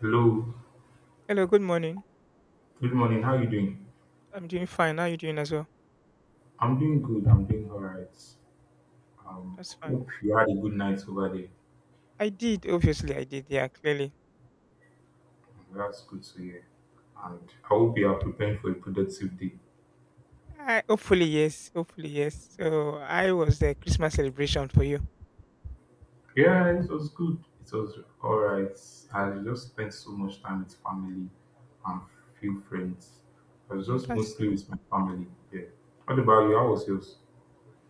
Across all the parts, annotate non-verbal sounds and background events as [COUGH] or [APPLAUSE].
Hello, Hello, good morning. good morning. How are you doing? I'm doing fine. How are you doing as well? I'm doing good. I'm doing all right. Um, That's fine. hope you had a good night over there. I did, obviously, I did. Yeah, clearly. That's good to hear. And I hope you are preparing for a productive day. I hopefully yes, hopefully yes. So I was the Christmas celebration for you. Yeah, it was good. It was all right. I just spent so much time with family and few friends. I was Mm, just That's mostly with my family. Yeah. What about you? How was yours?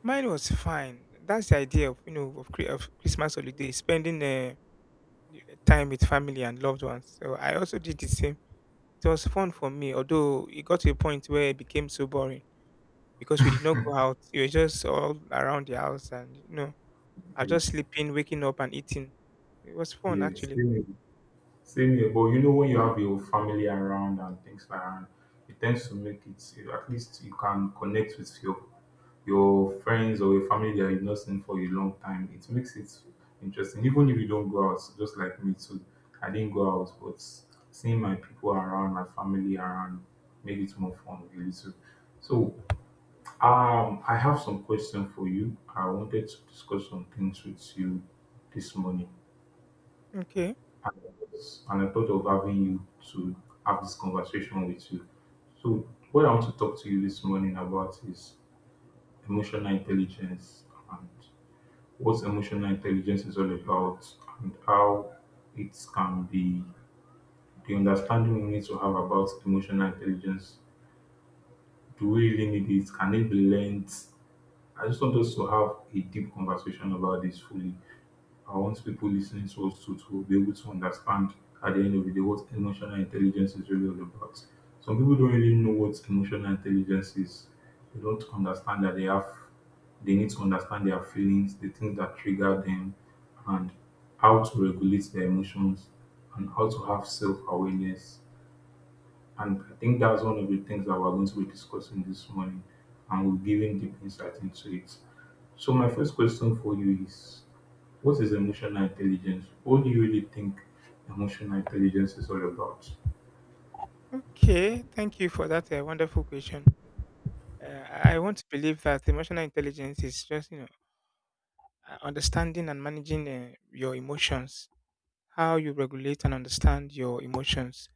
Mine was fine. That's the idea of you know of, Chri- of Christmas holiday, spending time with family and loved ones. So I also did the same. It was fun for me, although it got to a point where it became so boring because we did not go out. We were just all around the house, and I Yeah. was just sleeping, waking up, and eating. It was fun Yes. actually. Same here, but you know when you have your family around and things like that, it tends to make it at least you can connect with your friends or your family that you've not seen for a long time. It makes it interesting, even if you don't go out. Just like me too, I didn't go out, but seeing my people around, my family around, made it more fun really too. So I have some question for you. I wanted to discuss some things with you this morning Okay. and I thought of having you to have this conversation with you. So, what I want to talk to you this morning about is emotional intelligence and what emotional intelligence is all about, and how it can be the understanding we need to have about emotional intelligence. Do we really need it? Can it be learned? I just want us to have a deep conversation about this fully. I want people listening to us to be able to understand at the end of the day what emotional intelligence is really all about. Some people don't really know what emotional intelligence is. They don't understand that they need to understand their feelings, the things that trigger them, and how to regulate their emotions and how to have self-awareness. And I think that's one of the things that we're going to be discussing this morning and we're giving deep insight into it. So my first question for you is what is emotional intelligence? What do you really think emotional intelligence is all about? Okay. Thank you for that wonderful question. I want to believe that emotional intelligence is just understanding and managing your emotions. How you regulate and understand your emotions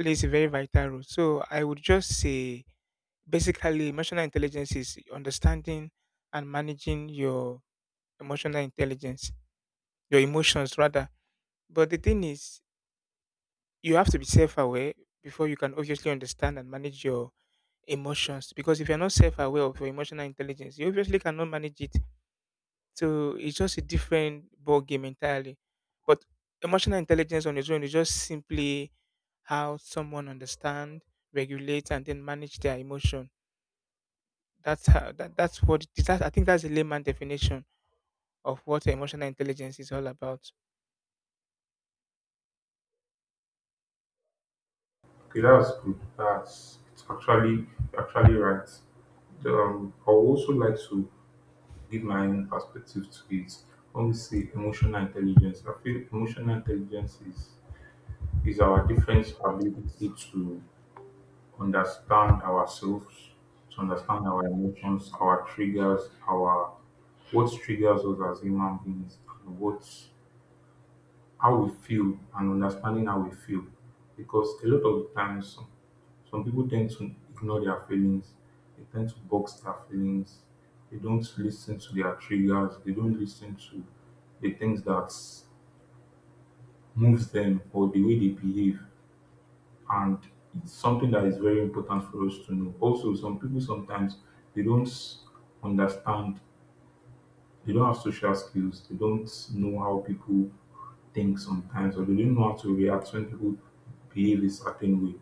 plays a very vital role. So I would just say basically emotional intelligence is understanding and managing your emotional intelligence, your emotions rather. But the thing is, you have to be self-aware before you can obviously understand and manage your emotions, because if you're not self-aware of your emotional intelligence you obviously cannot manage it. So it's just a different ball game entirely, but emotional intelligence on its own is just simply how someone understand, regulate, and then manage their emotion. That's how that's what it is. I think that's a layman definition of what emotional intelligence is all about. Okay, that's good. That's it's actually actually right. I would also like to give my own perspective to it. When we say emotional intelligence, I feel emotional intelligence is our different ability to understand ourselves, to understand our emotions, our triggers, our what triggers us as human beings, and what how we feel and understanding how we feel because a lot of the times some people tend to ignore their feelings, they tend to box their feelings, they don't listen to their triggers, they don't listen to the things that moves them or the way they behave. And it's something that is very important for us to know. Also, some people sometimes they don't understand. They don't have social skills. They don't know how people think sometimes, or they don't know how to react when people behave a certain way.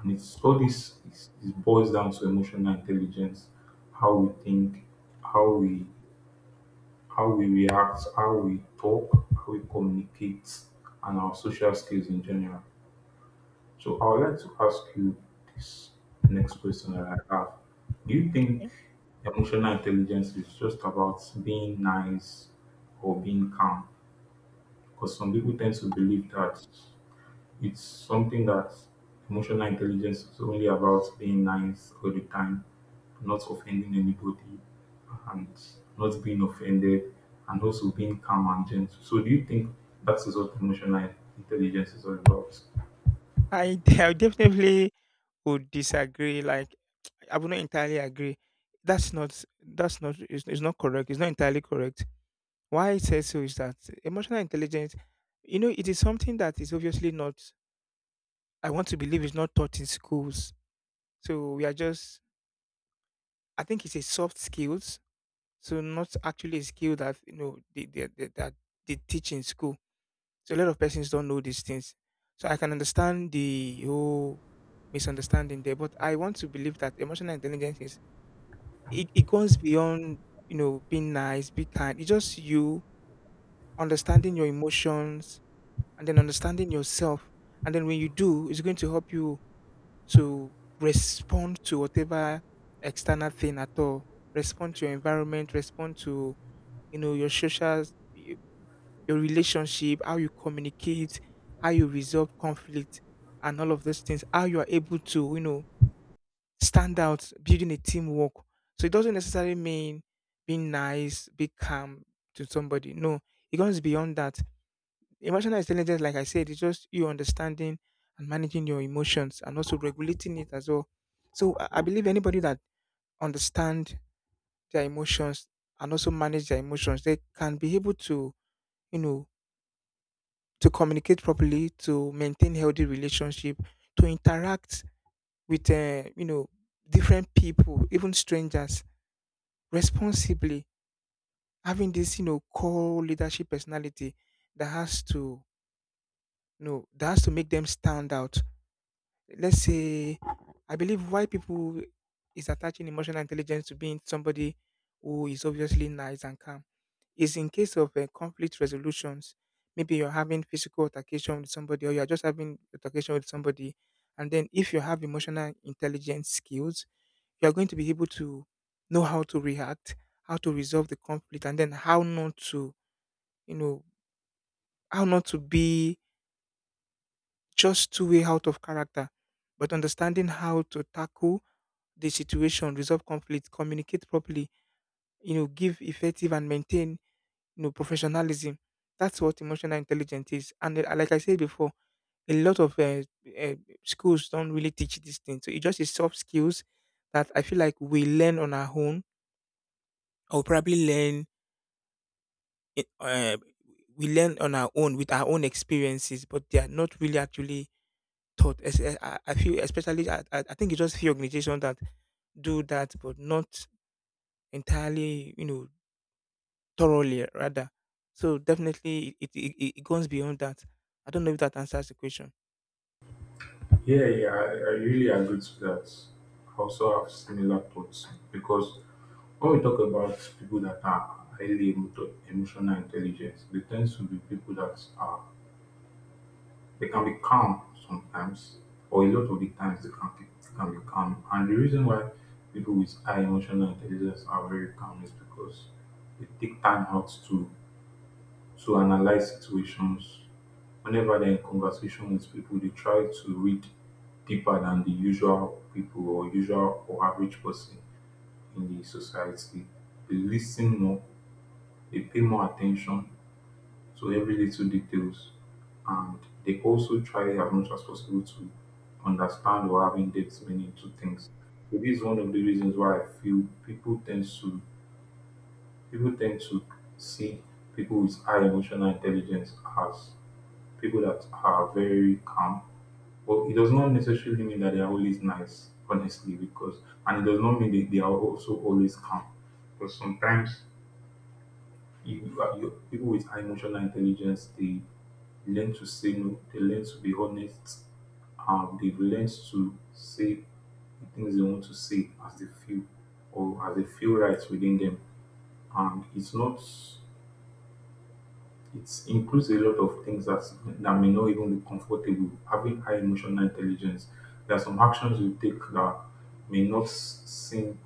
And it's all this is boils down to emotional intelligence, how we think, how we how we react, how we talk, how we communicate, and our social skills in general. So I would like to ask you this next question that I have. Do you think Okay. emotional intelligence is just about being nice or being calm? Because some people tend to believe that it's something that emotional intelligence is only about being nice all the time, not offending anybody and not being offended and also being calm and gentle. So do you think that is what emotional intelligence is all about? I [LAUGHS] I definitely would disagree. Like I would not entirely agree. That's not that's not It's not correct. It's not entirely correct. Why I say so is that emotional intelligence, it is something that is obviously not, I want to believe it's not taught in schools. So we are just, I think it's a soft skills. So not actually a skill that, they teach in school. So a lot of persons don't know these things. So I can understand the whole misunderstanding there, but I want to believe that emotional intelligence is, it goes beyond, being nice, be kind. It's just you understanding your emotions, and then understanding yourself. And then when you do, it's going to help you to respond to whatever external thing at all. Respond to your environment, respond to, your social, y- your relationship, how you communicate, how you resolve conflict and all of those things, how you are able to, stand out, building a teamwork. So it doesn't necessarily mean being nice, be calm to somebody. No, it goes beyond that. Emotional intelligence, like I said, is just you understanding and managing your emotions and also regulating it as well. So I believe anybody that understand their emotions and also manage their emotions, they can be able to, you know, to communicate properly, to maintain healthy relationship, to interact with, different people, even strangers, responsibly. Having this, core leadership personality that has to, that has to make them stand out, let's say. I believe why people is attaching emotional intelligence to being somebody who is obviously nice and calm is in case of conflict resolutions. Maybe you're having physical altercation with somebody, or you're just having altercation with somebody, and then if you have emotional intelligence skills, you're going to be able to know how to react, how to resolve the conflict, and then how not to, you know, how not to be just too way out of character, but understanding how to tackle the situation, resolve conflict, communicate properly, give effective and maintain, professionalism. That's what emotional intelligence is. And like I said before, a lot of uh, schools don't really teach this thing. So it just is soft skills that I feel like we learn on our own, or probably it, uh, we learn on our own with our own experiences, but they are not really actually taught. I feel, especially, I think it's just few organizations that do that, but not entirely, thoroughly rather. So definitely it goes beyond that. I don't know if that answers the question. Yeah, yeah, I really agree to that. I also have similar thoughts because when we talk about people that are highly emotional intelligence, they tend to be people that are they can be calm sometimes, or a lot of the times they can be calm. And the reason why people with high emotional intelligence are very calm is because they take time out to analyze situations. Whenever they're in conversation with people, they try to read deeper than the usual people or usual or average person in the society. They listen more, they pay more attention to every little details, and they also try as much as possible to understand or have in-depth meaning to things. So this is one of the reasons why I feel people tend to see people with high emotional intelligence as people that are very calm. But it does not necessarily mean that they are always nice, honestly, because and it does not mean that they are also always calm. Because sometimes you, people with high emotional intelligence they learn to say no, they learn to be honest, they've learned to say the things they want to say as they feel or as they feel right within them. And it's not it includes a lot of things that may not even be comfortable. Having high emotional intelligence, there are some actions you take that may not seem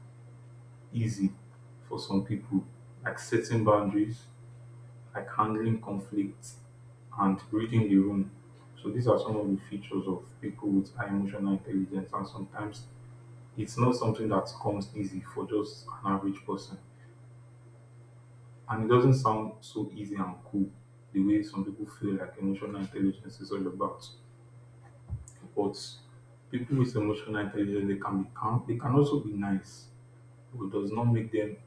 easy for some people, like setting boundaries, like handling conflict, and reading the room. So these are some of the features of people with high emotional intelligence, and sometimes it's not something that comes easy for just an average person. And it doesn't sound so easy and cool the way some people feel like emotional intelligence is all about. But people with emotional intelligence, they can be calm. They can also be nice. Who does not make them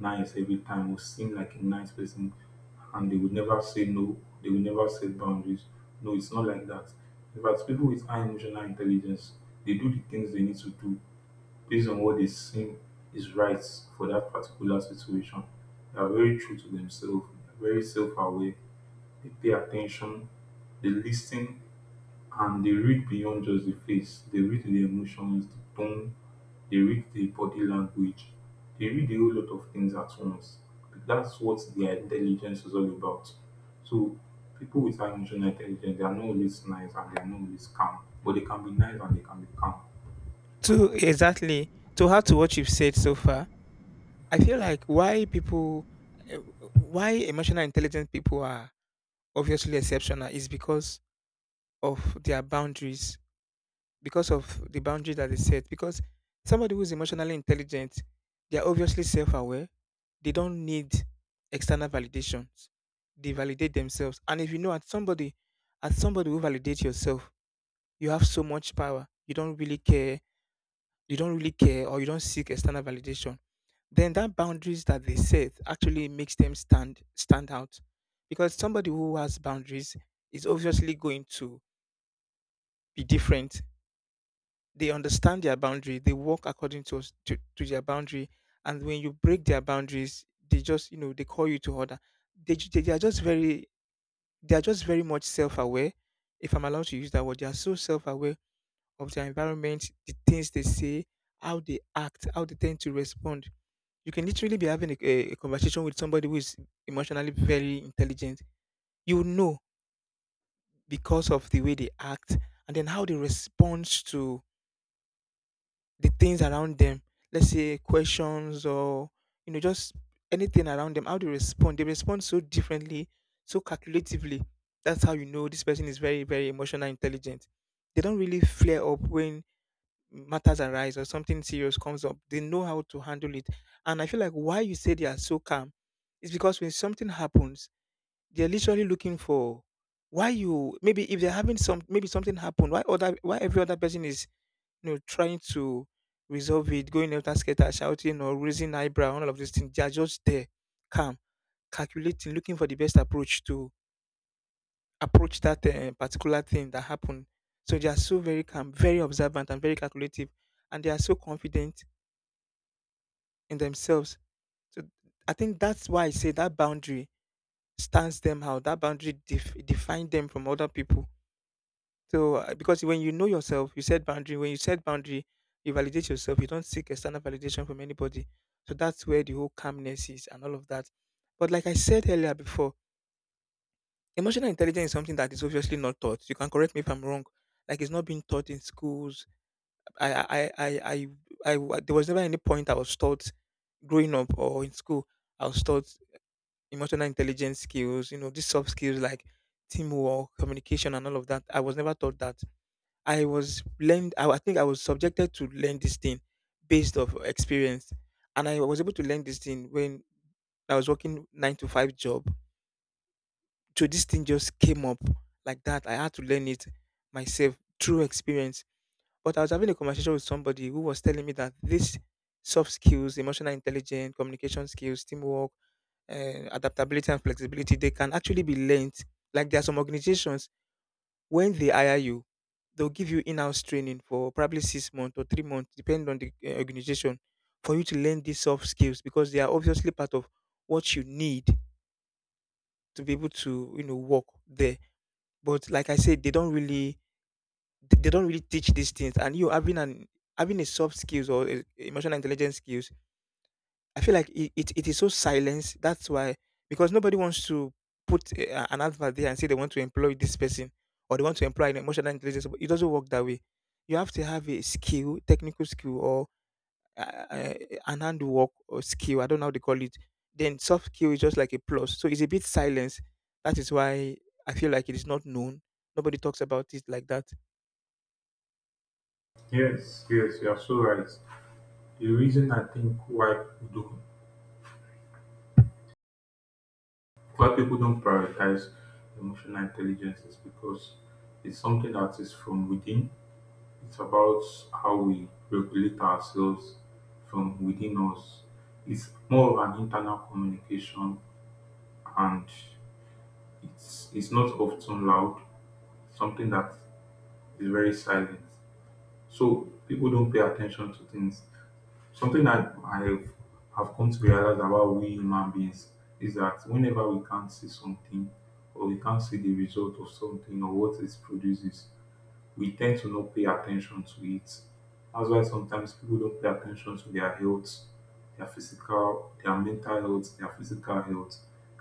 nice every time. Who seem like a nice person and they would never say no, they will never set boundaries. No, it's not like that. In fact, people with high emotional intelligence, they do the things they need to do based on what they seem is right for that particular situation. They are very true to themselves, they are very self aware, they pay attention, they listen and they read beyond just the face. They read the emotions, the tone, they read the body language, they read a whole lot of things at once. That's what their intelligence is all about. So people with high emotional intelligence, they are not always nice and they are not always calm, but they can be nice and they can be calm. To exactly to add to what you've said so far, I feel like eh, why emotional intelligent people are obviously exceptional is because of their boundaries, because of the boundary that is set. Because somebody who's emotionally intelligent, they are obviously self aware. They don't need external validations. They validate themselves. And if you know at somebody, as somebody who validates yourself, you have so much power. You don't really care. You don't really care, or you don't seek external validation. Then that boundaries that they set actually makes them stand out. Because somebody who has boundaries is obviously going to be different. They understand their boundary, they work according to their boundary, and when you break their boundaries, they just they call you to order. They, ju- they they are just very they are just very much self-aware. If I'm allowed to use that word, they are so self-aware of their environment, the things they say, how they act, how they tend to respond. You can literally be having a conversation with somebody who is emotionally very intelligent, you know because of the way they act and then how they respond to the things around them. Let's say questions or just anything around them. How they respond. They respond so differently, so calculatively. That's how you know this person is very very emotional intelligent. They don't really flare up when matters arise or something serious comes up. They know how to handle it. And I feel like why you say they are so calm is because when something happens, they're literally looking for why you maybe if they're having some maybe something happened why every other person is, trying to resolve it, going after scatter, shouting or raising eyebrow, all of these things. They are just there, calm, calculating, looking for the best approach to approach that particular thing that happened. So they are so very calm, very observant, and very calculative, and they are so confident in themselves. So I think that's why I say that boundary stands them out. That boundary defines them from other people. So because when you know yourself, you set boundary. When you set boundary, you validate yourself. You don't seek external validation from anybody. So that's where the whole calmness is and all of that. But like I said earlier before, emotional intelligence is something that is obviously not taught. You can correct me if I'm wrong. Like it's not being taught in schools. I I I I, I, there was never any point I was taught growing up or in school. I was taught emotional intelligence skills. You know these soft skills like teamwork, communication, and all of that. I was never taught that. I think I was subjected to learn this thing based of experience. And I was able to learn this thing when I was working nine to five job. So this thing just came up like that. I had to learn it myself through experience. But I was having a conversation with somebody who was telling me that these soft skills, emotional intelligence, communication skills, teamwork, adaptability and flexibility, they can actually be learned. Like there are some organizations, when they hire you, they'll give you in-house training for probably 6 months or 3 months, depending on the organization, for you to learn these soft skills because they are obviously part of what you need to be able to, work there. But like I said, they don't really teach these things, and you having an having a soft skills or emotional intelligence skills, I feel like it is so silenced. That's why, because nobody wants to put an advert there and say they want to employ this person or they want to employ an emotional intelligence. But it doesn't work that way. You have to have a skill, technical skill, or uh, uh, an handwork or skill. I don't know how they call it. Then soft skill is just like a plus. So it's a bit silence. That is why I feel like it is not known. Nobody talks about it like that. Yes, yes, you are so right. The reason I think why people don't, Why people don't prioritize emotional intelligence is because it's something that is from within. It's about how we regulate ourselves from within us. It's more of an internal communication and it's not often loud, something that is very silent. So people don't pay attention to things. Something that I've have come to realize about we human beings is that whenever we can't see something or we can't see the result of something or what it produces, we tend to not pay attention to it. That's why sometimes people don't pay attention to their health, their physical, their mental health, their physical health.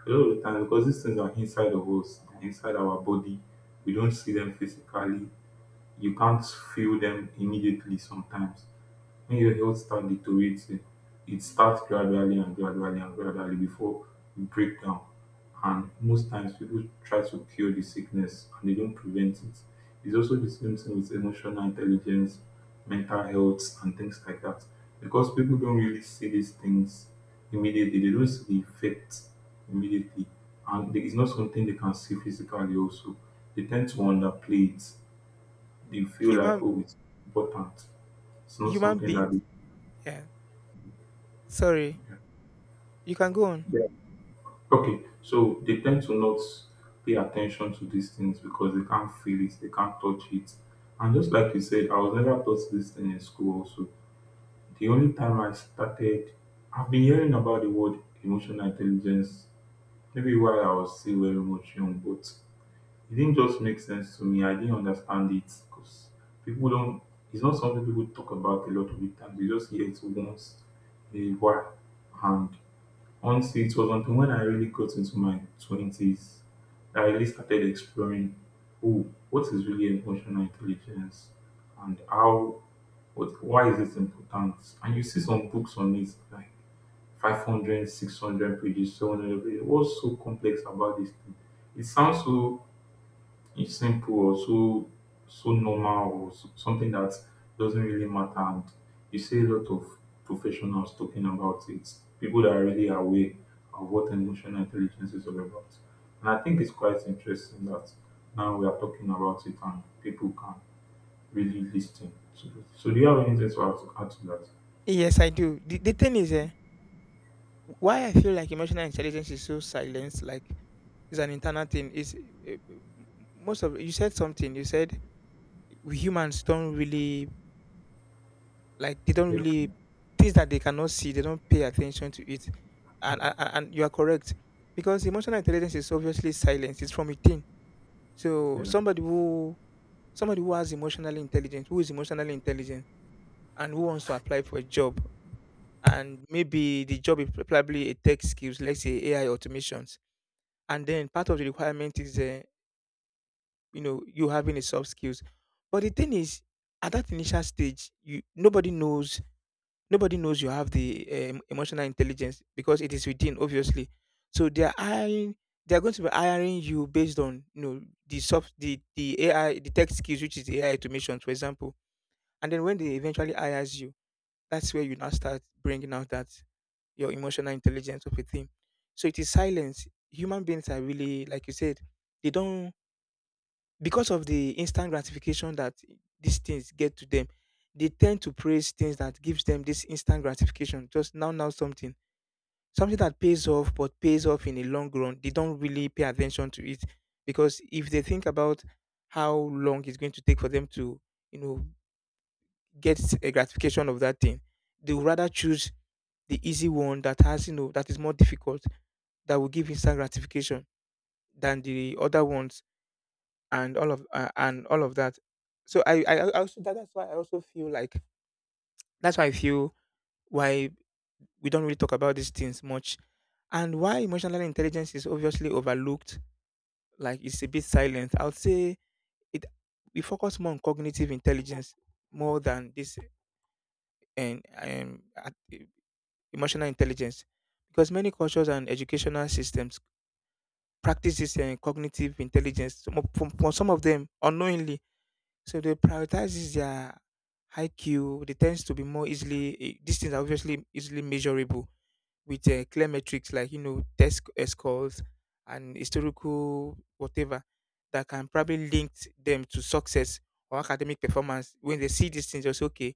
A lot of the time, because these things are inside of us, they're inside our body, we don't see them physically. You can't feel them immediately. Sometimes when your health stand deteriorates it starts gradually and gradually and gradually before you break down, and most times people try to cure the sickness and they don't prevent it. It's also the same thing with emotional intelligence, mental health and things like that. Because people don't really see these things immediately, they don't see the effect immediately, and it's not something they can see physically also, they tend to underplay it. They feel like Human oh it's important, it's not human something that beings. they, Yeah. Sorry. yeah. You can go on. Yeah. Okay, so they tend to not pay attention to these things because they can't feel it, they can't touch it. And just like you said, I was never taught this thing in school, also. The only time I started, I've been hearing about the word emotional intelligence maybe while I was still very much young, but it didn't just make sense to me. I didn't understand it because people don't, it's not something people talk about a lot of the times. You just hear it once in a while. And honestly, it was until when I really got into my 20s that I really started exploring oh, what is really emotional intelligence and why is it important? And you see some books on it, like 500, 600 pages, 700 pages. What's so complex about this thing? It sounds so it's simple or so so normal or something that doesn't really matter. And you see a lot of professionals talking about it, people that are really aware of what emotional intelligence is all about. And I think it's quite interesting that now we are talking about it and people can really listen to it. So, do you have anything add to that? Yes, I do. The thing is, why I feel like emotional intelligence is so silenced, like it's an internal thing. Most of you said something. You said we humans don't really, like, they don't Yeah. really, things that they cannot see. They don't pay attention to it, and you are correct because emotional intelligence is obviously silence. It's from within. So Yeah. somebody who somebody who has emotional intelligence, who is emotionally intelligent, and who wants to apply for a job, and maybe the job is probably a tech skills, let's say AI automations, and then part of the requirement is you know, you having a soft skills. But the thing is, at that initial stage, you nobody knows you have the emotional intelligence because it is within obviously. So they are going to be hiring you based on, you know, the soft the AI the tech skills, which is the AI automation, for example. And then when they eventually hires you, that's where you now start bringing out that your emotional intelligence of a thing. So it is silence. Human beings are really, like you said, they don't, because of the instant gratification that these things get to them. They tend to praise things that gives them this instant gratification. Just now, now something, something that pays off, but pays off in the long run, they don't really pay attention to it, because if they think about how long it's going to take for them to, you know, get a gratification of that thing, they would rather choose the easy one that has, you know, that is more difficult, that will give instant gratification than the other ones and all of that. So that's why I also feel like that's why I feel why we don't really talk about these things much, and why emotional intelligence is obviously overlooked. Like it's a bit silent, I would say it. We focus more on cognitive intelligence more than this, and emotional intelligence, because many cultures and educational systems practices this cognitive intelligence, some of, from some of them unknowingly. So they prioritizes their IQ. They tends to be more easily, these things are obviously easily measurable with clear metrics, like, you know, scores and historical whatever, that can probably link them to success or academic performance. When they see these things, they say, okay,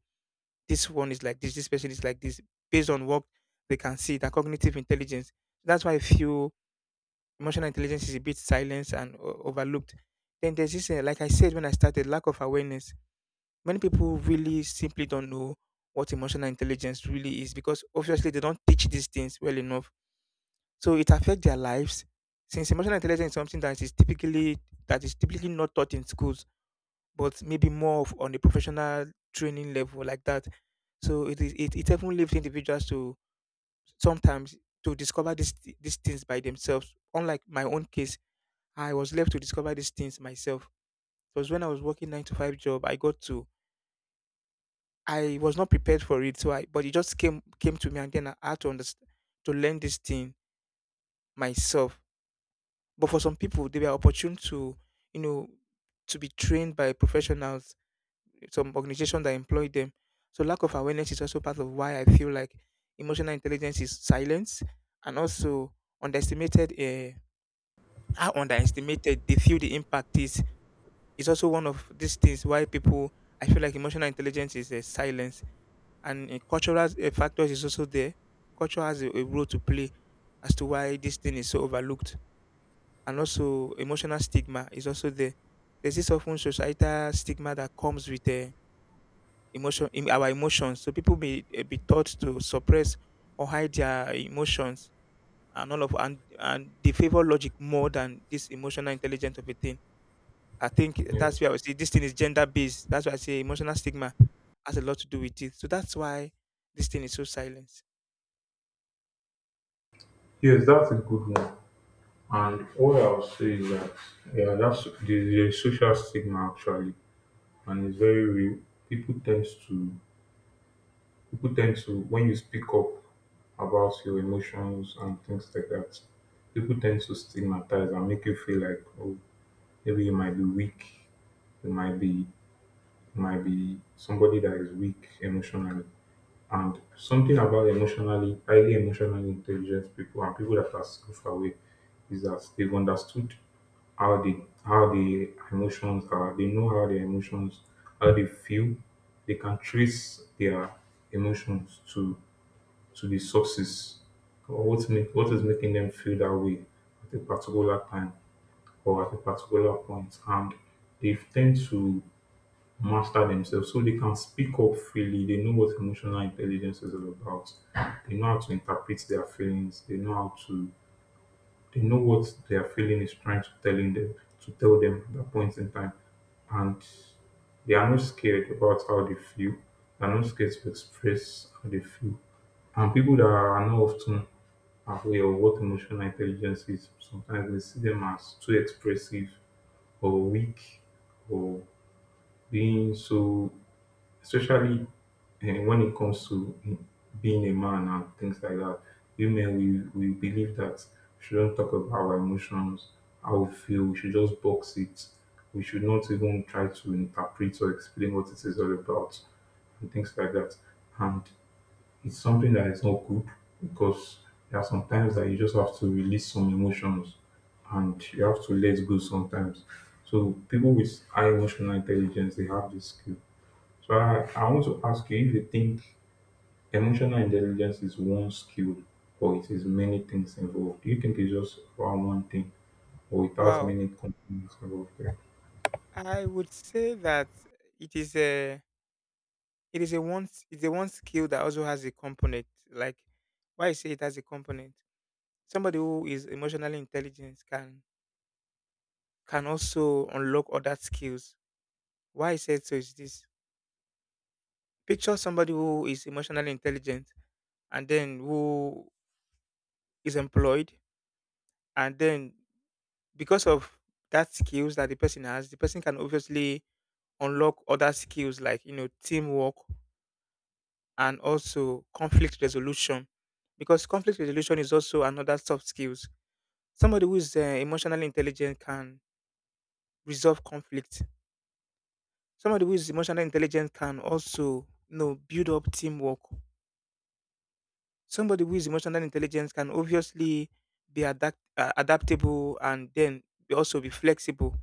this one is like this person is like this, based on what they can see, that cognitive intelligence. That's why I feel emotional intelligence is a bit silenced and overlooked. Then there's this, like I said when I started, lack of awareness. Many people really simply don't know what emotional intelligence really is, because obviously they don't teach these things well enough. So it affects their lives. Since emotional intelligence is something that is typically not taught in schools, but maybe more of on a professional training level like that. So it is it often leaves individuals to sometimes to discover these things by themselves. Unlike my own case, I was left to discover these things myself. It was when I was working 9-to-5 job. I got to, I was not prepared for it, so I, but it just came to me, and then I had to understand, to learn this thing myself. But for some people, they were opportune to, you know, to be trained by professionals, some organization that employ them. So lack of awareness is also part of why I feel like emotional intelligence is silence, and also underestimated. How underestimated they feel the impact is. It's also one of these things why people, I feel like, emotional intelligence is a silence. And a cultural factors is also there. Culture has a role to play as to why this thing is so overlooked. And also emotional stigma is also there. There's this often societal stigma that comes with emotion, in our emotions. So people may be taught to suppress or hide their emotions, and all of and they favor logic more than this emotional intelligence of a thing. I think Yeah. that's where I would say this thing is gender based. That's why I say emotional stigma has a lot to do with it. So that's why this thing is so silent. Yes, that's a good one. And what I'll say is that yeah, that's the social stigma actually. And it's very real. People tend to people tend to when you speak up about your emotions and things like that, people tend to stigmatize and make you feel like oh maybe you might be weak, you might be you might be somebody that is weak emotionally. And something about emotionally highly emotionally intelligent people and people that are self aware is that they've understood how the emotions are they know how their emotions how they feel they can trace their emotions to the sources or what is making them feel that way at a particular time or at a particular point, and they tend to master themselves so they can speak up freely. They know what emotional intelligence is all about, they know how to interpret their feelings, they know what their feeling is trying to telling them to tell them at that point in time. And they are not scared about how they feel. They are not scared to express how they feel. And people that are not often aware of what emotional intelligence is, sometimes we see them as too expressive or weak or being so, especially when it comes to being a man and things like that, women, we believe that we shouldn't talk about our emotions, how we feel, we should just box it. We should not even try to interpret or explain what it is all about and things like that. And it's something that is not good because there are some times that you just have to release some emotions and you have to let go sometimes. So people with high emotional intelligence, they have this skill. So I want to ask you if you think emotional intelligence is one skill or it is many things involved. Do you think it's just about one thing or it has Wow, many components involved? Yeah. I would say that it is a, it is a one it's a one skill that also has a component. Like, why I say it has a component. Somebody who is emotionally intelligent can also unlock other skills. Why I said so is this: picture somebody who is emotionally intelligent, and then who is employed, and then because of that skills that the person has, the person can obviously unlock other skills, like, you know, teamwork and also conflict resolution, because conflict resolution is also another soft skills. Somebody who is emotionally intelligent can resolve conflict. Somebody who is emotionally intelligent can also, you know, build up teamwork. Somebody who is emotionally intelligent can obviously be adaptable, and then also be flexible.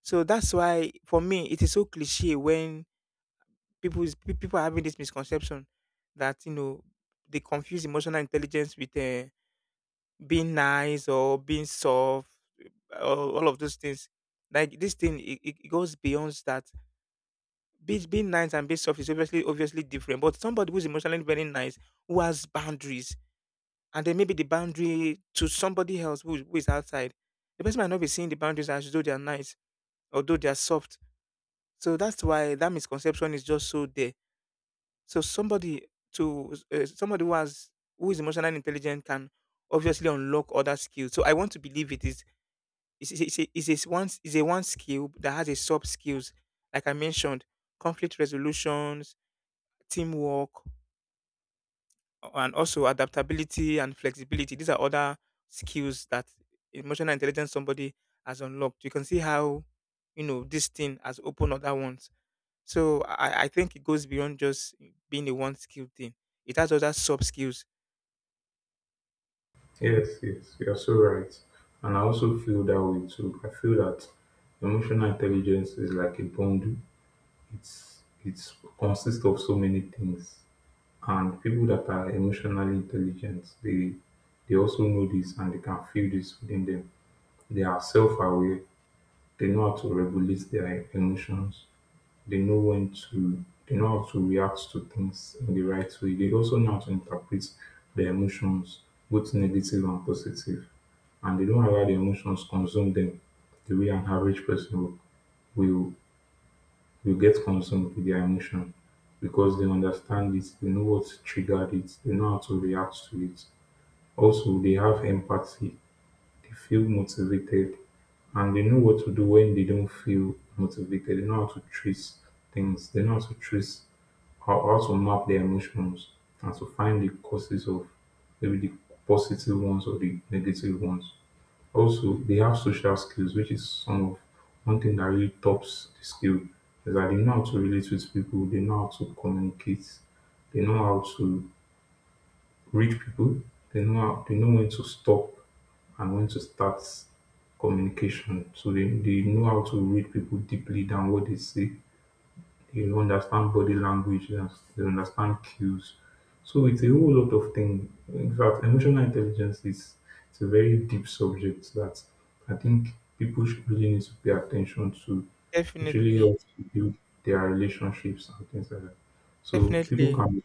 So that's why for me it is so cliche when people are having this misconception that, you know, they confuse emotional intelligence with being nice or being soft, all of those things. Like, this thing, it goes beyond that. Being nice and being soft is obviously different, but somebody who's emotionally very nice, who has boundaries, and then maybe the boundary to somebody else who is outside, the person might not be seeing the boundaries as though they are nice, although they are soft. So that's why that misconception is just so there. So somebody Somebody who has, who is emotionally intelligent can obviously unlock other skills. So I want to believe it is a s- one s- is a one skill that has a sub skills, like I mentioned, conflict resolutions, teamwork, and also adaptability and flexibility. These are other skills that emotional intelligence somebody has unlocked. You can see how, you know, this thing has opened other ones. So I think it goes beyond just being a one skill thing. It has other sub skills. Yes, yes, you're so right. And I also feel that way too. I feel that emotional intelligence is like a bundle. It's consists of so many things. And people that are emotionally intelligent, they also know this and they can feel this within them. They are self aware. They know how to regulate their emotions. They know how to react to things in the right way. They also know how to interpret their emotions, both negative and positive. And they don't allow the emotions consume them the way an average person will will, will get consumed with their emotion because they understand it, they know what triggered it, they know how to react to it. Also, they have empathy, they feel motivated, and they know what to do when they don't feel motivated. They know how to trace things. They know how to trace how to map their emotions and to find the causes of maybe the positive ones or the negative ones. Also, they have social skills, which is some of one thing that really tops the skill. Is that they know how to relate with people, they know how to communicate, they know how to rich people, they know when to stop and when to start communication. So they know how to read people deeply than what they say. They understand body language, they understand cues. So it's a whole lot of things. In fact, emotional intelligence is it's a very deep subject that I think people should really need to pay attention to. It really Definitely, helps to build their relationships and things like that. So people definitely. can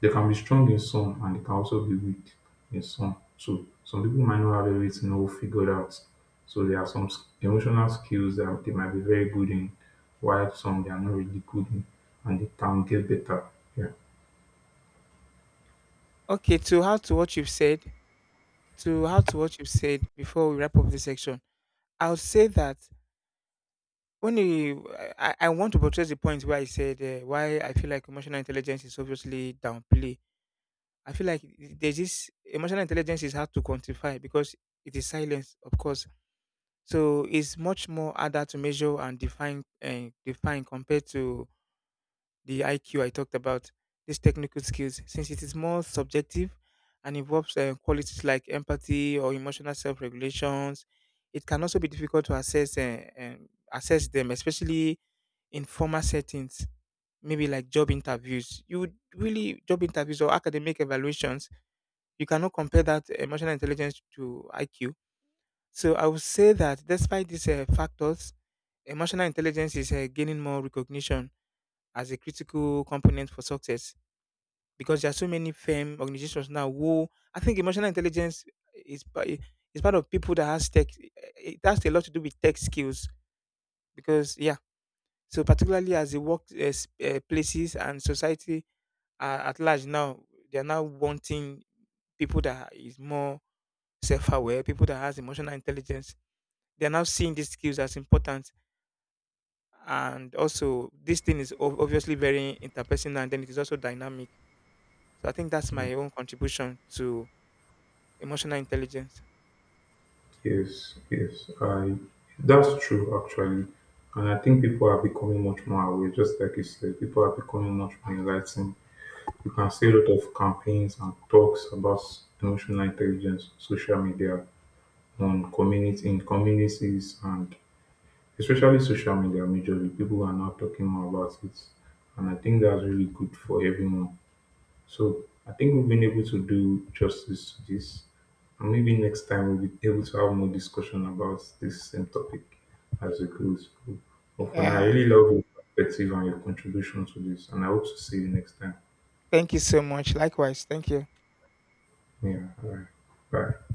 they can be strong in some and they can also be weak in some. So some people might not have everything all figured out. So there are emotional skills that they might be very good in, while some they are not really good in, and they can get better. Yeah. Okay, to how to what you've said before we wrap up this section, I'll say that I want to portray the point where I said, why I feel like emotional intelligence is obviously downplay. I feel like there's this, emotional intelligence is hard to quantify because it is silence, of course. So it's much more harder to measure and define compared to the IQ I talked about, these technical skills, since it is more subjective and involves qualities like empathy or emotional self regulations. It can also be difficult to assess them, especially in formal settings, maybe like job interviews. You would really Job interviews or academic evaluations, you cannot compare that emotional intelligence to IQ. So I would say that despite these factors, emotional intelligence is gaining more recognition as a critical component for success, because there are so many firm organizations now who, I think emotional intelligence is is part of people that has tech. It has a lot to do with tech skills, because, yeah. So particularly as the work places and society are at large now, they are now wanting people that is more self-aware, people that has emotional intelligence. They are now seeing these skills as important, and also this thing is obviously very interpersonal, and then it is also dynamic. So I think that's Yeah. my own contribution to emotional intelligence. Yes, yes. I That's true actually. And I think people are becoming much more aware, just like you said, people are becoming much more enlightened. You can see a lot of campaigns and talks about emotional intelligence on social media, on community in communities, and especially social media majorly people are now talking more about it, and I think that's really good for everyone. So I think we've been able to do justice to this, and maybe next time we'll be able to have more discussion about this same topic as it goes. But for now I Yeah. really love your perspective and your contribution to this, and I hope to see you next time. Thank you so much. Likewise. Thank you. Yeah, all right. Bye.